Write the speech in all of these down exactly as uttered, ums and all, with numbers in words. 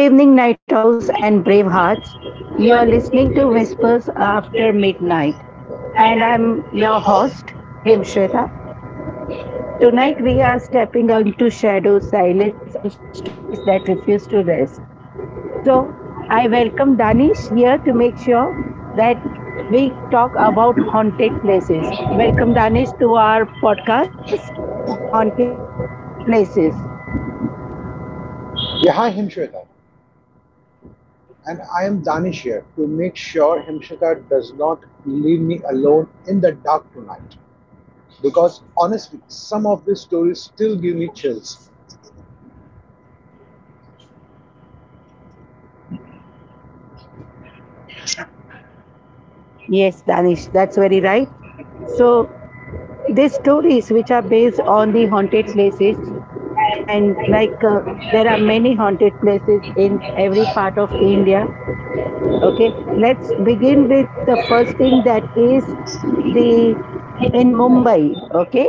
Good evening, night owls and brave hearts. You You're are listening listening to to Whispers Whispers After After Waves, Midnight, and and I'm I'm your your host, host, Anshika. Himshweta. Tonight Tonight, we we are are talking stepping about. into shadows, silence, and stories that refuse to rest. So, I welcome Danish here to make sure that we talk about haunted places. Welcome, Danish, to our podcast, The Haunted Places. Yeah, hi Himshweta. And I am Danish here to make sure Himshweta does not leave me alone in the dark tonight. Because honestly, some of these stories still give me chills. Yes, Danish, that's very right. So, these stories which are based on the haunted places And and like, like uh, there are many haunted places we in are every part of India. having. Okay, let's begin with the first thing that is the in Mumbai. Okay,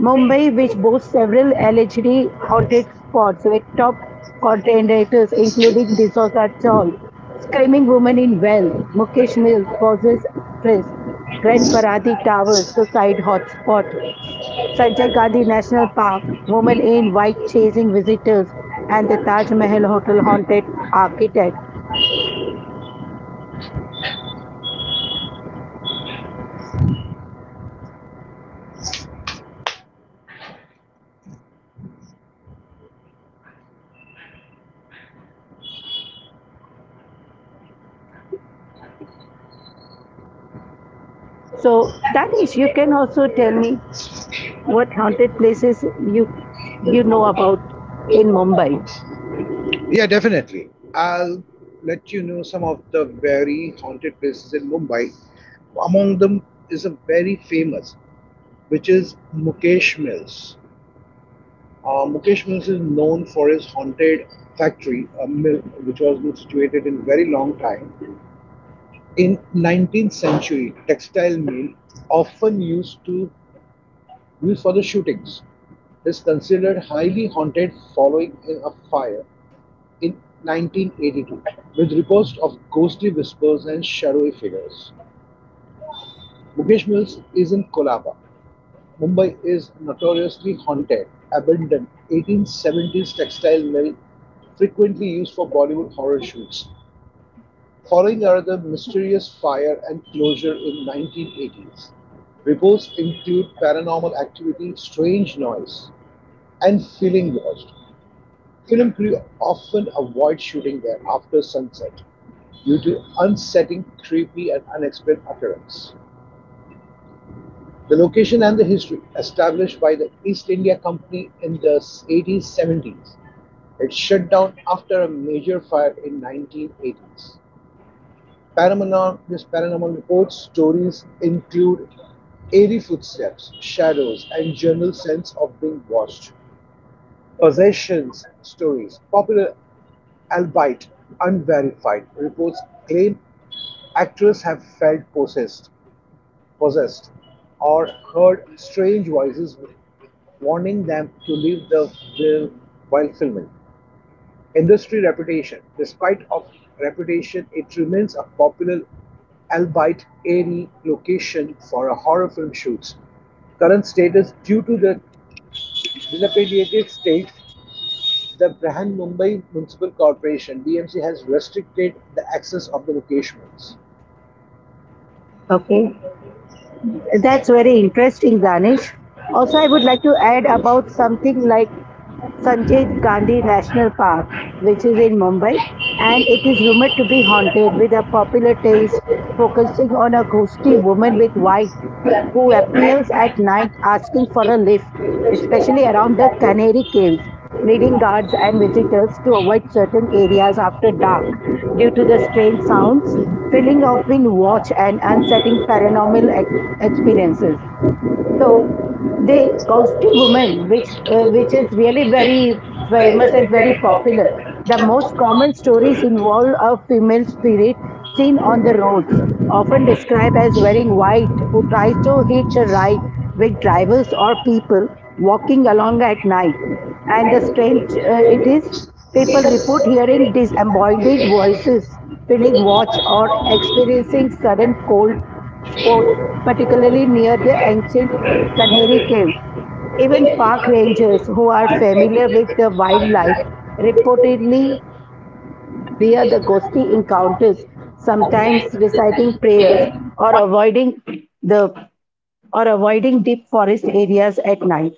Mumbai, which boasts several allegedly haunted spots with top contenders including Disosa Chawl, Screaming Woman in Well, Mukesh Mills, Poses Actress, Grand Paradi Towers, Suicide Hotspot, Sanjay Gandhi National Park, woman in white chasing visitors, and the Taj Mahal Hotel haunted architect. Other notorious location features the Tower of Silence and the Imperial Palace of Hotel known as Black Magic, rumors and mys- mysterious disappearance. Right? So Danish, you can also tell me what haunted places you you know about in Mumbai. Yeah, definitely. I'll let you know some of the very haunted places in Mumbai. Among them is a very famous, which is Mukesh Mills. Uh, Mukesh Mills is known for his haunted factory, a mill which was been situated in a very long time. In nineteenth century, textile mill often used to use for the shootings is considered highly haunted following in a fire in nineteen eighty-two with reports of ghostly whispers and shadowy figures. Mukesh Mills is in Kolaba, Mumbai is notoriously haunted, abandoned eighteen seventies textile mill frequently used for Bollywood horror shoots. Following another mysterious fire and closure in nineteen eighties. Reports include paranormal activity, strange noise, and feeling lost. Film crew often avoid shooting there after sunset due to unsettling, creepy, and unexplained occurrences. The location and the history established by the East India Company in the eighties seventies. It shut down after a major fire in nineteen eighties. Paranormal, this paranormal report stories include eerie footsteps, shadows, and general sense of being watched. Possessions stories, popular albeit unverified, reports claim actors have felt possessed possessed, or heard strange voices warning them to leave the film while filming. Industry reputation. Despite of reputation, it remains a popular, albeit airy, location for a horror film shoots. Current status due to the dilapidated state, the Brihan Mumbai Municipal Corporation (B M C) has restricted the access of the locations. Okay. That's very interesting, Danish. Also, I would like to add about something like Sanjay Gandhi National Park, which is in Mumbai, and it is rumored to be haunted with a popular tales focusing on a ghostly woman with white who appears at night asking for a lift, especially around the Canary Caves, leading guards and visitors to avoid certain areas after dark due to the strange sounds, feeling of being watched, and unsettling paranormal ex- experiences. So the Gausti woman, which uh, which It is really very is famous and very very popular, the most common you. stories involve a female spirit seen on the roads, often described as wearing white, who tries to hitch a ride with drivers or people walking along at night. And the As. strange uh, it is, people report hearing disembodied voices, feeling watch, or experiencing sudden cold spots, particularly near the ancient Kanheri caves. Even park rangers who are familiar with the wildlife reportedly fear the ghostly encounters, sometimes reciting prayers or avoiding the or avoiding deep forest areas at night.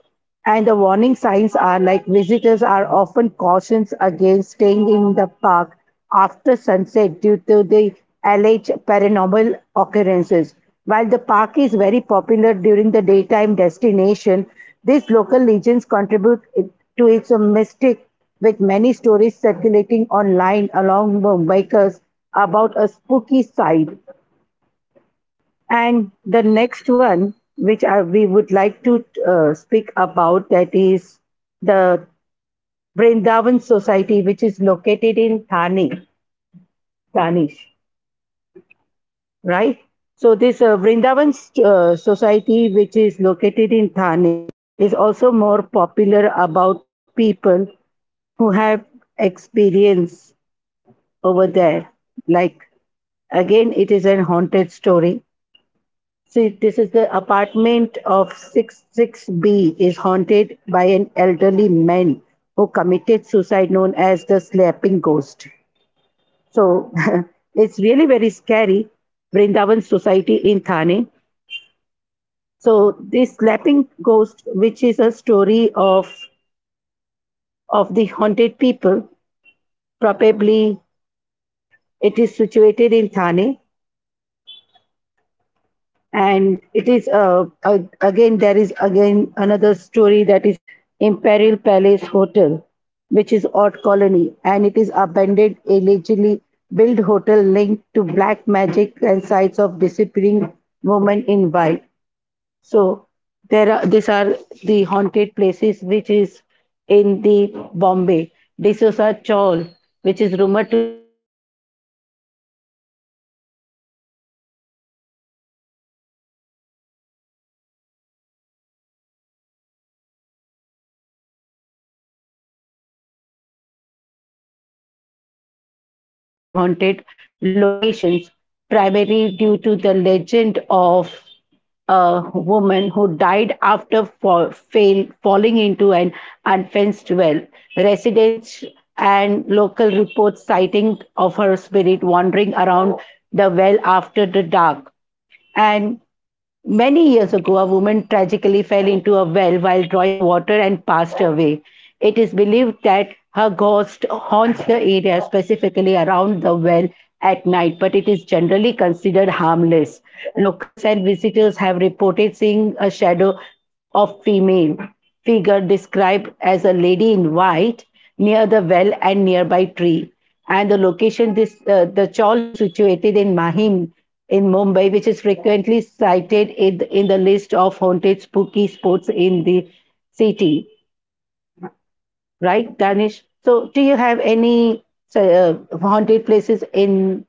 And the warning signs are like visitors are often cautioned against staying in the park after sunset due to the alleged paranormal occurrences. While the park is very popular during the daytime destination, these local legends contribute it- to its mystic with many stories circulating online along with bikers about a spooky side. And the next one, which I, we would like to uh, speak about, that is the Vrindavan Society, which is located in Thane, Tanish, right? So this uh, Vrindavan uh, Society, which is located in Thane, is also more popular about people who have experience over there. Like again, it is a haunted story. See, this is the apartment of six six B is haunted by an elderly man who committed suicide known as the slapping ghost. So it's really very scary. Vrindavan Society in Thane. So this slapping ghost, which is a story of of the haunted people, probably it is situated in Thane. And it is uh, ag- again there is again another story that is imperial palace hotel, which is odd colony and it is abandoned allegedly built hotel linked to black magic and sites of disappearing women in white. So there are these are the haunted places which is in the Bombay D'Souza Chawl, which is rumored to be haunted the spirit of woman to fell into the well. Now over here, the Mumbai is it is situated in Mahim and it is mostly famously regarded as one of the city's Mumbai haunted locations, primarily due to the legend of a woman who died after fall, fail, falling into an unfenced well. Residents and local reports citing of her spirit wandering around the well after the dark. And many years ago, a woman tragically fell into a well while drawing water and passed away. It is believed that her ghost haunts the area, specifically around the well at night, but it is generally considered harmless. Locals and visitors have reported seeing a shadow of female figure described as a lady in white near the well and nearby tree. And the location this uh, the chawl is situated in Mahim in Mumbai, which is frequently cited in the, in the list of haunted spooky spots in the city, right, Danish? So, do you have any uh, haunted places in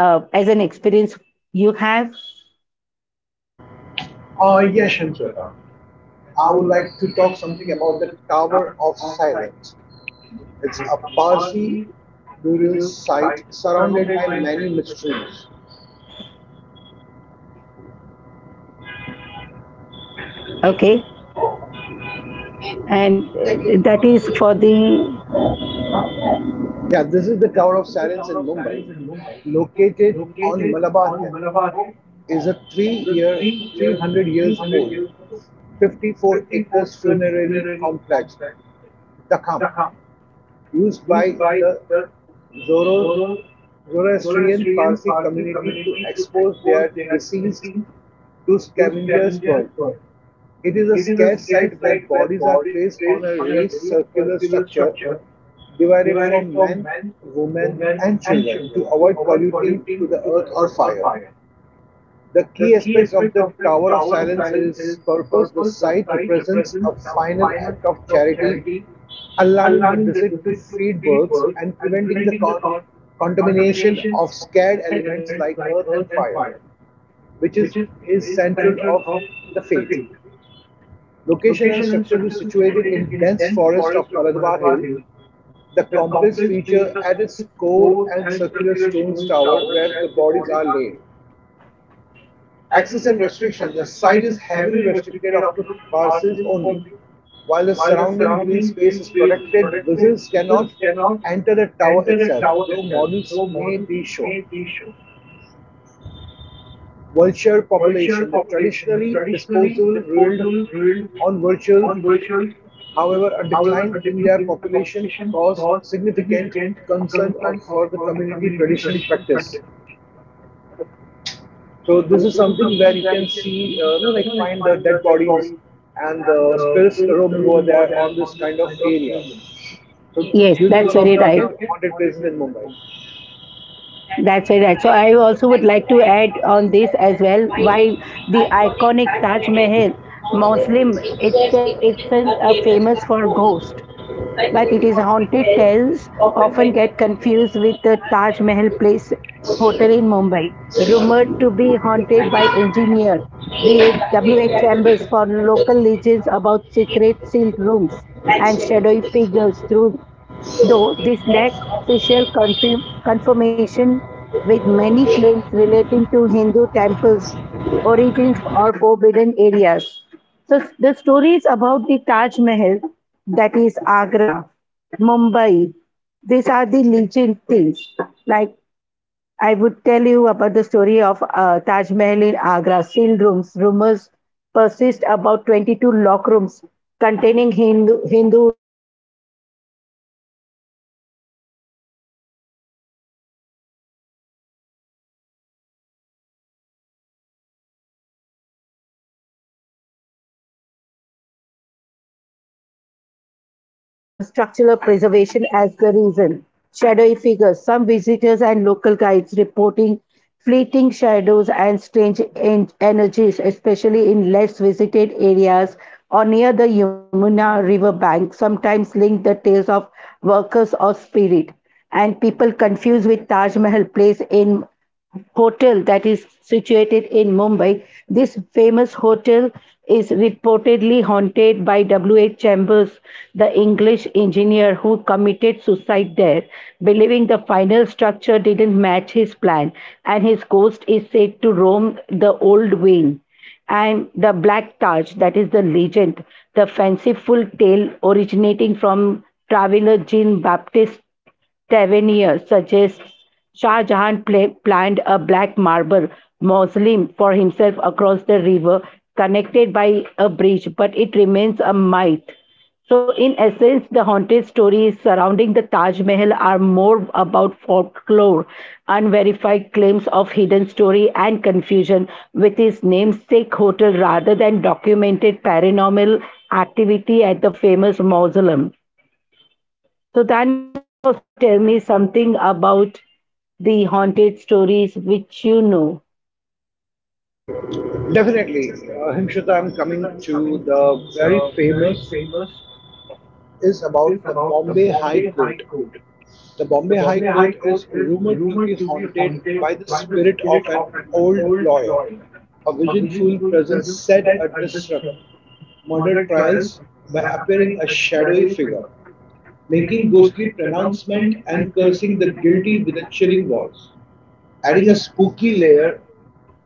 uh, as an experience you have? Uh, yes, Shamsweta. I would like to talk something about the Tower of Silence. It's a Parsi burial site surrounded by many mysteries. Okay, and uh, that is for the Yeah, this is the Tower of Silence in Mumbai, located on Malabar Hill, is a three-year, three hundred years old, fifty-four acres funerary complex, Dakam, used by the Zoro- Zoroastrian Parsi community to expose their deceased to scavengers' world. It is a scared site where bodies are placed on a raised circular structure divided for men, women, and children to avoid polluting to the earth or fire. The key aspects of the Tower of Silence is purpose. The site represents a final act of charity, allowing the desert to feed birds and preventing the con- contamination of scared elements like earth and fire, which is, is central of the faith. Location and structure is situated in dense forest of Maradwar Hill. The complex feature at its core and circular stone tower where the bodies are laid. Access and restriction the site is heavily restricted up to parcels only. While the surrounding green space is protected, visitors cannot enter the tower itself, though models may be shown. Vulture population the traditionally disposable ruled on vultures, however, a decline in their population caused significant concern for the community tradition practice. So this is something where you can see, uh, you know, like find the dead bodies and the spirits roaming over there on this kind of area. So, yes, yes, this is that's one of very the right. again haunted places in Mumbai. That's. That's very right. So I also would like to add on this as well. While the I can't iconic Taj counseling. Mahal, Muslim Teachers, itself teachers isn't are uh, famous famous for most. ghosts, Like but it is haunted says, tales often often get confused with the Taj Mahal Place coaching Hotel in Mumbai, rumored to be haunted by engineer create a W H. chapter Chambers for local legends about secret sealed rooms and action. shadowy figures through. So Though it this has lacked opportunity. official confirm- confirmation, with many claims relating to Hindu temples, origins, or forbidden areas. So the stories about the Taj Mahal, that is Agra, Mumbai, these are the legend things like I would tell you about the story of uh, Taj Mahal in Agra, sealed rooms. Rumors persist about twenty-two lock rooms containing Hindu, Hindu relics, suggesting the complex was once a Hindu temple, Tejo Mahalia, that Shah Jahan converted with sealed areas to hide the origins, though the government cites structural, structural preservation as the reason. Shadowy figures, some visitors and local guides reporting fleeting shadows and strange en- energies, especially in less visited areas or near the Yamuna river bank, sometimes link the tales of workers or spirit. And people confused with Taj Mahal place in hotel that is situated in Mumbai. This famous hotel is reportedly haunted by W H. Chambers, the English engineer who committed suicide there, believing the final structure didn't match his plan, and his ghost is said to roam the old wing. And the Black Taj, that is the legend, the fanciful tale originating from traveler Jean Baptiste Tavernier suggests Shah Jahan pla- planned a black marble mausoleum for himself across the river, connected by a bridge, but it remains a myth. So, in essence, the haunted stories surrounding the Taj Mahal are more about folklore, unverified claims of hidden story, and confusion with his namesake hotel rather than documented paranormal activity at the famous mausoleum. So then also tell me something about the haunted stories which you know, Definitely. Uh, Himshita, I'm coming to the very famous is about the Bombay High Court. The Bombay High Court is rumored to be haunted by the spirit of an old lawyer. A visionful presence said a disrupt murder trials by appearing a shadowy figure, making ghostly pronouncement and cursing the guilty with a chilling voice, adding a spooky layer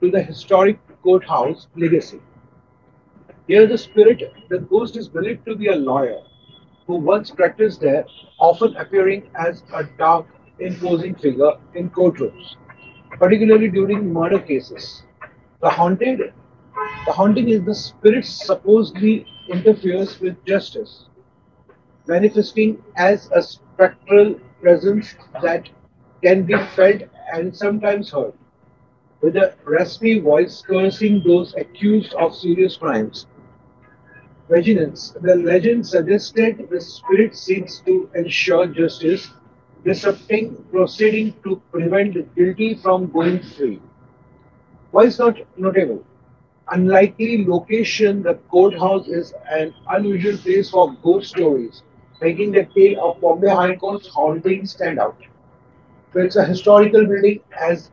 to the historic courthouse legacy. Here the spirit, the ghost is believed to be a lawyer who once practiced there, often appearing as a dark, imposing figure in courtrooms, particularly during murder cases. The haunted the haunting is the spirit supposedly interferes with justice, manifesting as a spectral presence that can be felt and sometimes heard, with a raspy voice cursing those accused of serious crimes vengeance. The legend suggested the spirit seeks to ensure justice, disrupting proceeding to prevent the guilty from going free. Why is not notable? Unlikely location, the courthouse is an unusual place for ghost stories, making the tale of Bombay High Court's haunting stand out. So it's a historical building as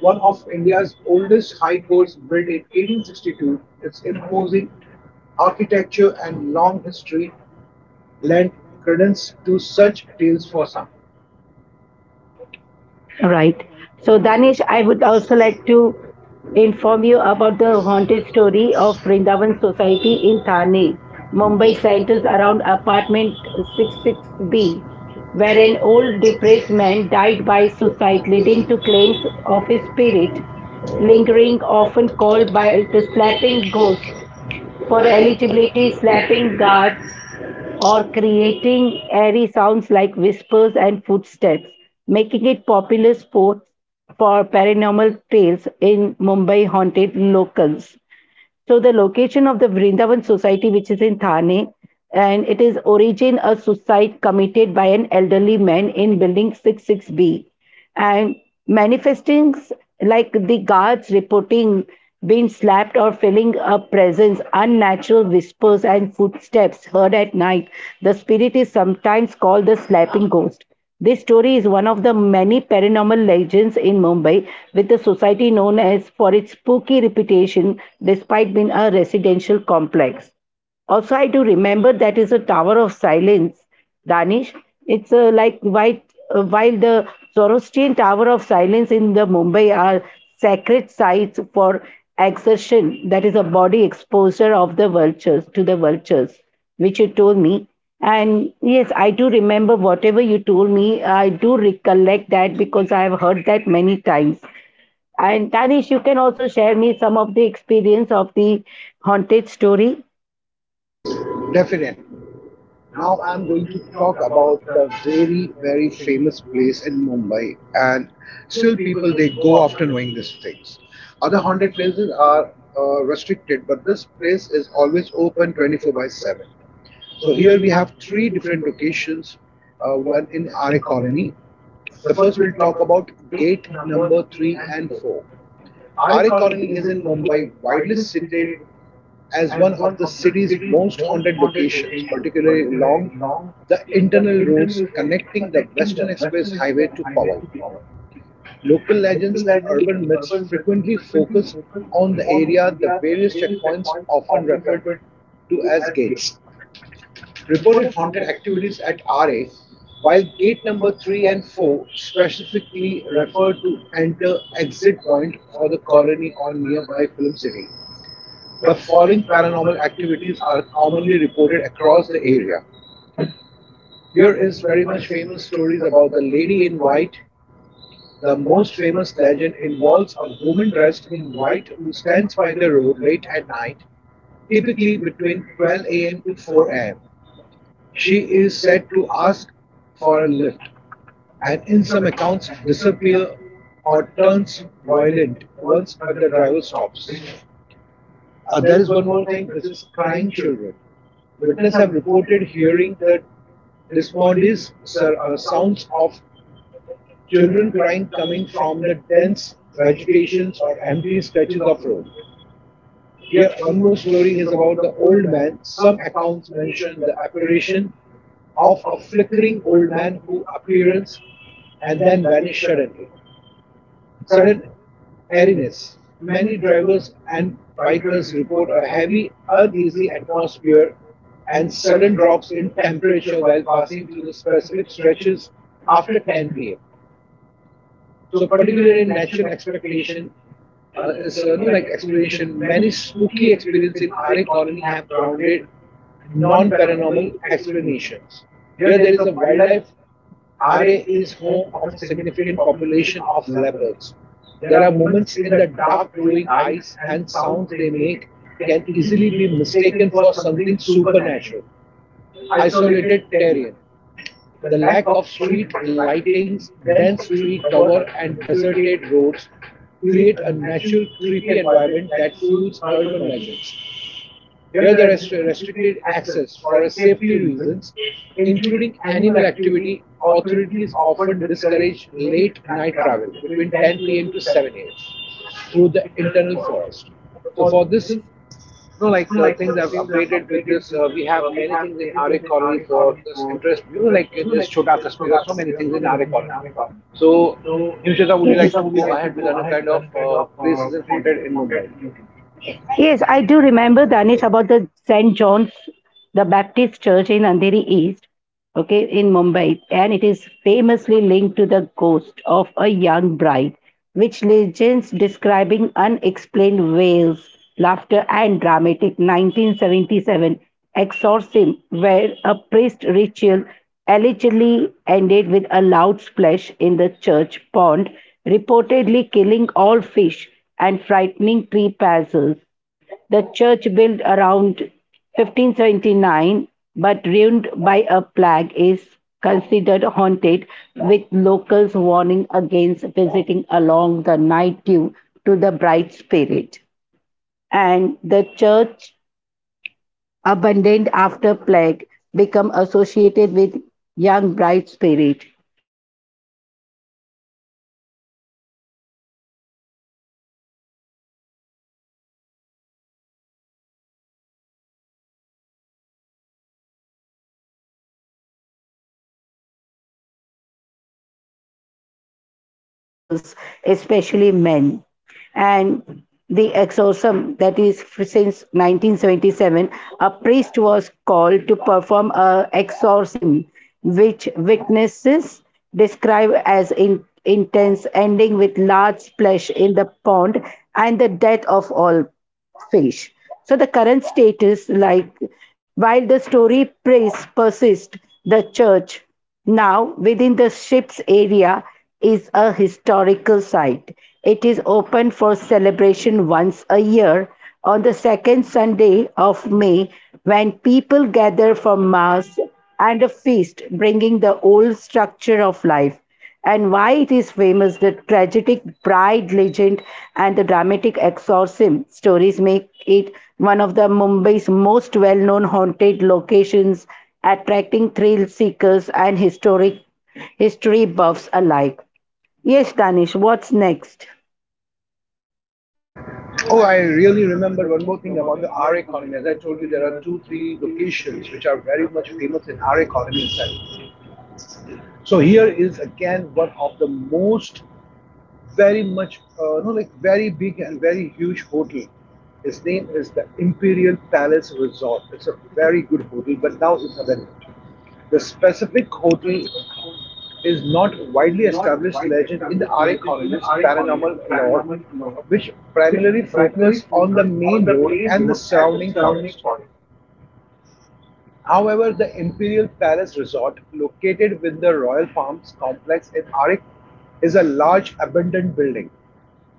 one of India's oldest high courts built in eighteen sixty-two. Its imposing architecture and long history lend credence to such tales for some. right? So Danish, I would also like to inform you about the haunted story of Vrindavan Society in Thane, Mumbai centers around apartment six six b where an old depressed man died by Right. suicide, Village leading to claims is of his open spirit feeding, lingering lingering, open often all called by by the slapping snapping ghost. hooks for For eligibility, eligibility slapping snapping cards guards or of the. creating airy sounds like whispers and footsteps, making it popular sport for paranormal tales in Mumbai haunted locals. So the location of the Vrindavan Society, which is in Thane, and it is origin a suicide committed by an elderly man in building six six B. And manifestings like the guards reporting being slapped or feeling a presence, unnatural whispers and footsteps heard at night. The spirit is sometimes called the slapping ghost. This story is one of the many paranormal legends in Mumbai, with the society known as for its spooky reputation despite being a residential complex. Also, I do remember that is a Tower of Silence, Danish. It's uh, like white, uh, while the Zoroastrian Tower of Silence in the Mumbai are sacred sites for exertion, that is a body exposure of the vultures to the vultures, which you told me. And yes, I do remember whatever you told me. I do recollect that because I have heard that many times. And Danish, you can also share me some of the experience of the haunted story. Definitely. Now I'm going to talk about the very, very famous place in Mumbai, and still people they go after knowing these things. Other haunted places are uh, restricted, but this place is always open twenty-four by seven. So here we have three different locations. Uh, one in R A Colony. The first we'll talk about gate number three and four. Our economy is in Mumbai, widely cited as one of the city's most haunted locations, particularly along the internal roads connecting the Western Express Highway to Powai. Local legends and urban myths frequently focus on the area, the various checkpoints often referred to as gates reported haunted activities at R A, while gate number three and four specifically refer to enter exit point for the colony or nearby film city. The following paranormal activities are commonly reported across the area. Here is very much famous stories about the lady in white. The most famous legend involves a woman dressed in white who stands by the road late at night, typically between twelve a m to four a m. She is said to ask for a lift, and in some accounts disappear or turns violent once the driver stops. Uh, there is one more thing, which is crying children. Witnesses have reported hearing the dismodies sir, uh, sounds of children crying coming from the dense vegetations or empty stretches of road. Here, one more story is about the old man. Some accounts mention the apparition of a flickering old man who appears and then vanishes suddenly. Sudden airiness. Many drivers and bikers report a heavy, uneasy atmosphere and sudden drops in temperature while passing through the specific stretches after ten p m. So particularly in natural expectation, uh, is, uh, no, like explanation, many spooky experiences in R A colony have grounded non-paranormal explanations. Here there is a wildlife. R A is home of a significant population of leopards. There are moments in the dark glowing eyes and sounds they make can easily be mistaken for something supernatural. Isolated terrier. The lack of street lightings, dense tree cover, and deserted roads create a natural creepy environment that fuels urban legends. Here, there is restricted access for safety reasons, including animal activity. Authorities often discourage late night travel between ten p m to seven a m through the internal forest. So, for this, you know, like uh, things I've updated with this, uh, we have many things in R A colony for this interest. You know, like uh, there's Chota Kaspira, so many things in R A colony. So, Yushita, would you like to go ahead with other kind of uh, places in haunted in Mumbai? Yes, I Yes, I do remember think. Danish about the Saint John's, the Baptist Church in Andheri East, okay, in Mumbai, and it is famously linked to the ghost of a young bride, which legends describing unexplained wails, laughter, and dramatic nineteen seventy-seven exorcism, where a priest ritual allegedly ended with a loud splash in the church pond, reportedly killing all fish and frightening trespasses. The church, built around fifteen seventy-nine but ruined by a plague, is considered haunted, with locals warning against visiting along the night due to the bright spirit. And the church, abandoned after plague, become associated with young bright spirit. So it's very haunting it I- it is the haunt the really scary haunting where people reported hearing screams, laughter, and wails with the spirit believed to torment trespassers, especially men. And the exorcism that is f- since nineteen seventy-seven a priest was called to perform a exorcism which witnesses describe as in, intense ending with large splash in the pond and the death of all fish. So the current status like while the story praise persists the church now, within the ship's area is a historical site. It is open for celebration once a year on the second Sunday of May, when people gather for Mass and a feast, bringing the old structure of life. And why it is famous: the tragic bride legend and the dramatic exorcism stories make it one of the Mumbai's most well-known haunted locations, attracting thrill seekers and historic history buffs alike. Yes, Danish, what's next? Oh, I really remembered one more thing about the R economy. As I told you, there are two, three locations which are very much famous in R economy itself. So here is again one of the most, very much, uh, no, like very big and very huge hotel. Its name is the Imperial Palace Resort. It's a very good hotel, but now it's abandoned. The specific hotel is not widely established legend in the R A colony's paranormal lore, which primarily focus on the main road and the surrounding forest. However, the Imperial Palace Resort, located within the Royal Farms complex in Arik, is a large abandoned building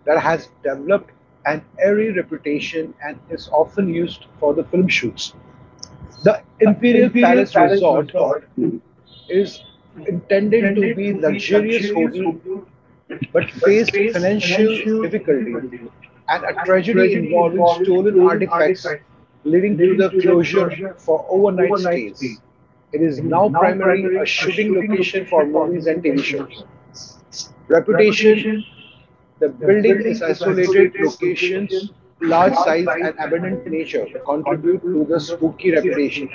that has developed an eerie reputation and is often used for the film shoots. The Imperial Palace Resort is intended to be a luxurious hotel but faced financial difficulties and a tragedy involving stolen artifacts leading to the closure for overnight stays. It is now primarily a shooting location for movies and T V shows. Reputation. The building is isolated locations, large size, and abundant nature contribute to the spooky reputation.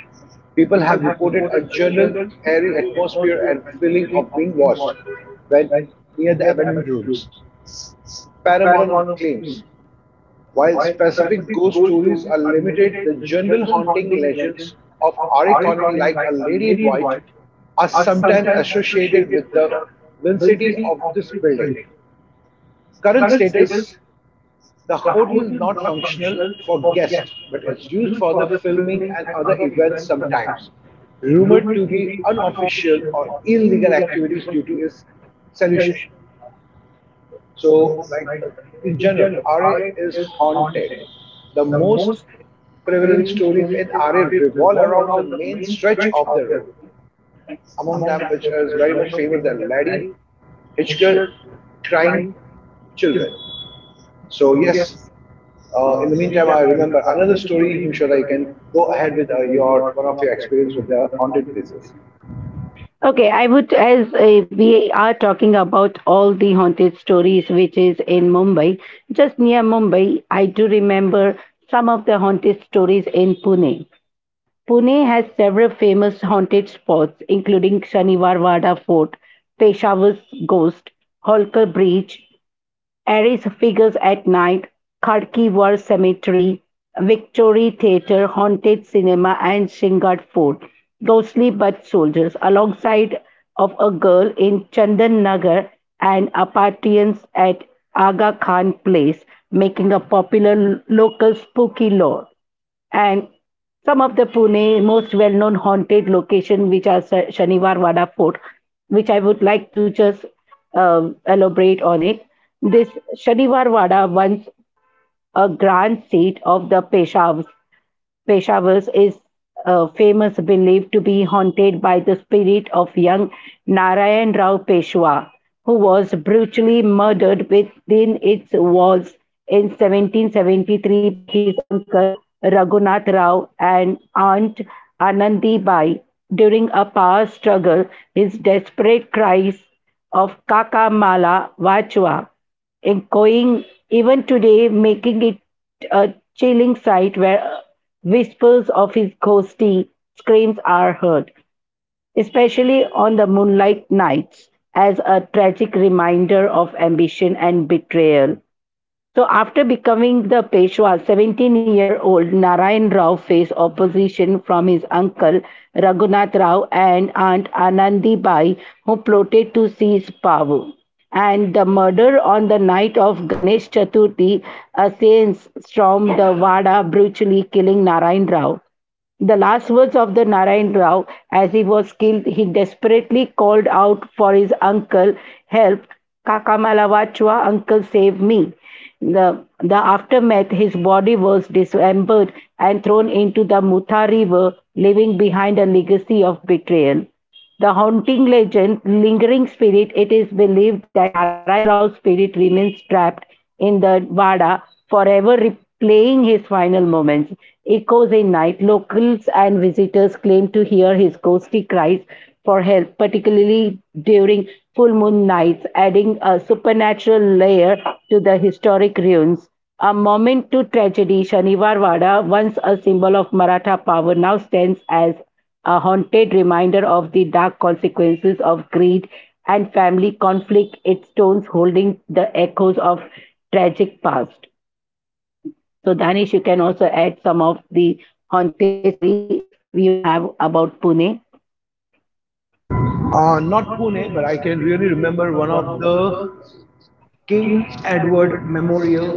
People have reported a general airy atmosphere and feeling of being watched when near the abandoned rooms. Paranormal claims. While specific ghost stories are limited, the general haunting legends of Arikoni, like a lady in white, are sometimes associated with the vicinity of this building. Current status. The hotel is not functional for guests but is used for the filming and other events sometimes, rumored to be unofficial or illegal activities due to its solution. So, like uh, in general, R A is haunted. The most prevalent stories in R A revolve around the main stretch of the road. Among them, which is very much famous, the Laddie Hitchcock crying children. So yes, uh, in the meantime, I remember another story, Himshwada. You can go ahead with uh, your one of your experience with the haunted places. Okay, I would, as uh, we are talking about all the haunted stories which is in Mumbai, just near Mumbai, I do remember some of the haunted stories in Pune. Pune has several famous haunted spots, including Shaniwar Wada Fort, Peshawar's Ghost, Holkar Bridge, Aries Figures at Night, Khadki War Cemetery, Victory Theatre, Haunted Cinema, and Shingat Fort, Ghostly But Soldiers, alongside of a girl in Chandan Nagar and apartments at Aga Khan Place, making a popular local spooky lore, and some of the Pune most well-known haunted location, which are Sa- Shaniwar Wada Fort, which I would like to just um, elaborate on it. This Shaniwar Wada, once a grand seat of the Peshawars, Peshawar, is uh, famous, believed to be haunted by the spirit of young Narayan Rao Peshwa, who was brutally murdered within its walls in seventeen seventy-three by his uncle Raghunath Rao and aunt Anandi Bai. During a power struggle, his desperate cries of Kaka Mala Vachwa echoing even today, making it a chilling sight where whispers of his ghostly screams are heard, especially on the moonlight nights, as a tragic reminder of ambition and betrayal. So after becoming the Peshwa, seventeen-year-old Narayan Rao faced opposition from his uncle Raghunath Rao and aunt Anandi Bai, who plotted to seize power. And the murder: on the night of Ganesh Chaturthi, assailants stormed the Wada, brutally killing Narayan Rao. The last words of the Narayan Rao, as he was killed, he desperately called out for his uncle, help, Kakamalawachwa, uncle save me. The, the aftermath, his body was dismembered and thrown into the Mutha river, leaving behind a legacy of betrayal. The haunting legend, lingering spirit, it is believed that Narayan Rao's spirit remains trapped in the Wada, forever replaying his final moments. Echoes in night, locals and visitors claim to hear his ghostly cries for help, particularly during full moon nights, adding a supernatural layer to the historic ruins. A monument to tragedy, Shanivar Wada, once a symbol of Maratha power, now stands as a haunted reminder of the dark consequences of greed and family conflict, its tones holding the echoes of tragic past. So, Danish, you can also add some of the haunted story if you have about Pune. Uh, not Pune, but I can really remember one of the King Edward Memorial,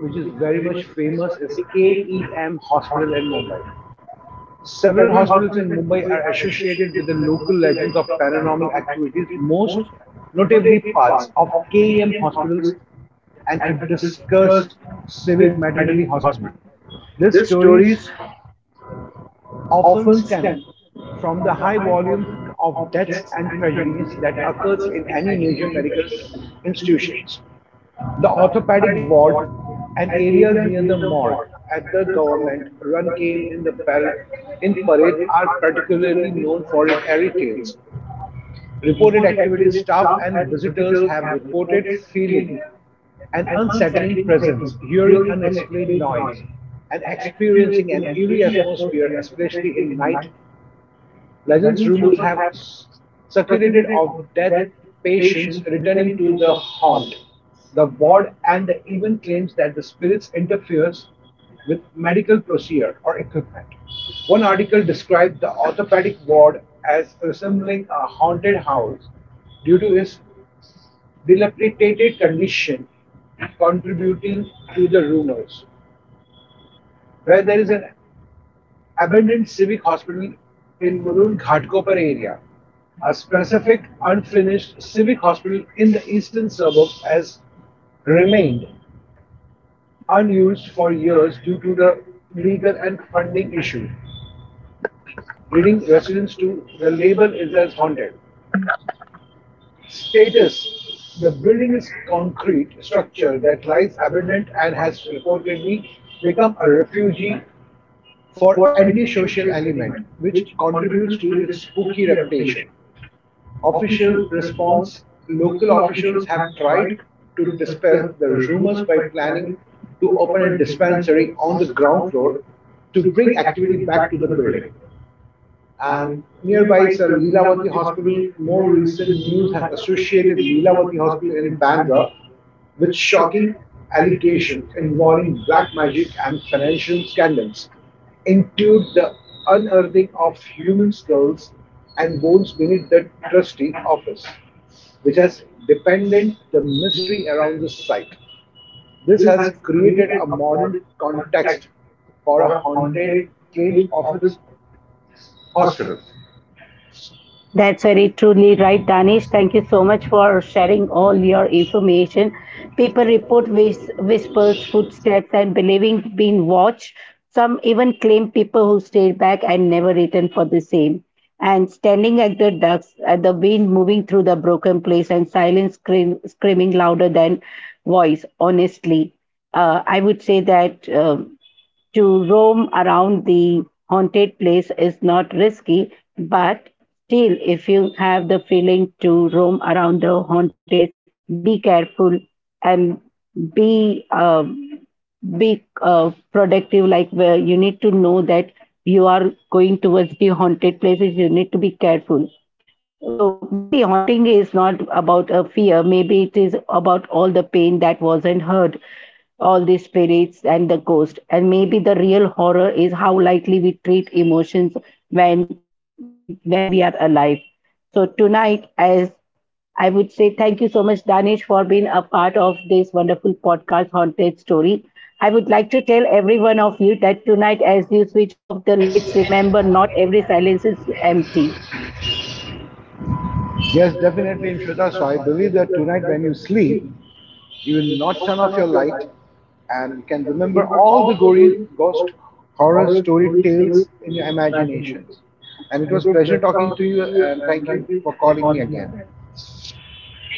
which is very much famous, is K E M Hospital in Mumbai. Several hospitals in Mumbai are associated with the local legends of paranormal activities, most notably parts of K E M hospitals and a discussed civic maternity hospital. These stories often stem from the high volume of deaths and tragedies that occurs in any major medical institutions. The orthopedic ward and areas near the morgue at the government run game in the in parade are particularly known for its airy tales. Reported activities, staff and visitors have reported feeling an unsettling presence, hearing unexplained noise, and experiencing an eerie atmosphere, especially in night. Legends rumors have circulated of death patients returning to the haunt, the ward, and the even claims that the spirits interferes with medical procedure or equipment. One article described the orthopedic ward as resembling a haunted house due to its dilapidated condition, contributing to the rumors. Where there is an abandoned civic hospital in Mulund Ghatkopar area, a specific unfinished civic hospital in the eastern suburbs has remained unused for years due to the legal and funding issue, leading residents to the label is as haunted. Status. The building is concrete structure that lies abandoned and has reportedly become a refugee for antisocial element, which contributes to its spooky reputation. Official response local officials have tried to dispel the rumors by planning to open a dispensary on the ground floor to bring activity back to the building and nearby is a Leelavati hospital. More recent news has associated Leelavati hospital in Bandra with shocking allegations involving black magic and financial scandals, include the unearthing of human skulls and bones beneath the trustee office, which has dependent the mystery around the site. This has created a modern context for a haunted claims of its hospital. That's That's very very truly really right, right, Danish. Danish. Thank Thank you you so much so for for sharing sharing all both your your reach. information. If People the report report whis- whispers, is is footsteps, and believing being watched. Some even claim people who stayed back and never returned for the same. And standing at the ducks, at the wind moving through the broken place, and silence scream, screaming louder than voice. Honestly, uh, I would say that. um To roam around the haunted place is not risky, but still, if you have the feeling to roam around the haunted place, be careful, and be um, be uh, productive. Like where you need to know that you are going towards the haunted places, you need to be careful. So maybe haunting is not about a fear, maybe it is about all the pain that wasn't heard, all the spirits and the ghost. And maybe the real horror is how lightly we treat emotions when when we are alive. So tonight, as I would say, thank you so much, Danish, for being a part of this wonderful podcast, Haunted Story. I would like to tell every one of you that tonight, as you switch off the I lights, can. remember not every silence is empty. Yes, definitely, Imshweta. So I believe that tonight when you sleep, you will not turn off your light and you can remember all the gory ghost horror story tales in your imaginations. And it was pleasure talking to you and thank you for calling me again.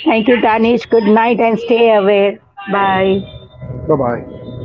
Thank you, Danish. Good night and stay aware. Bye. Bye-bye.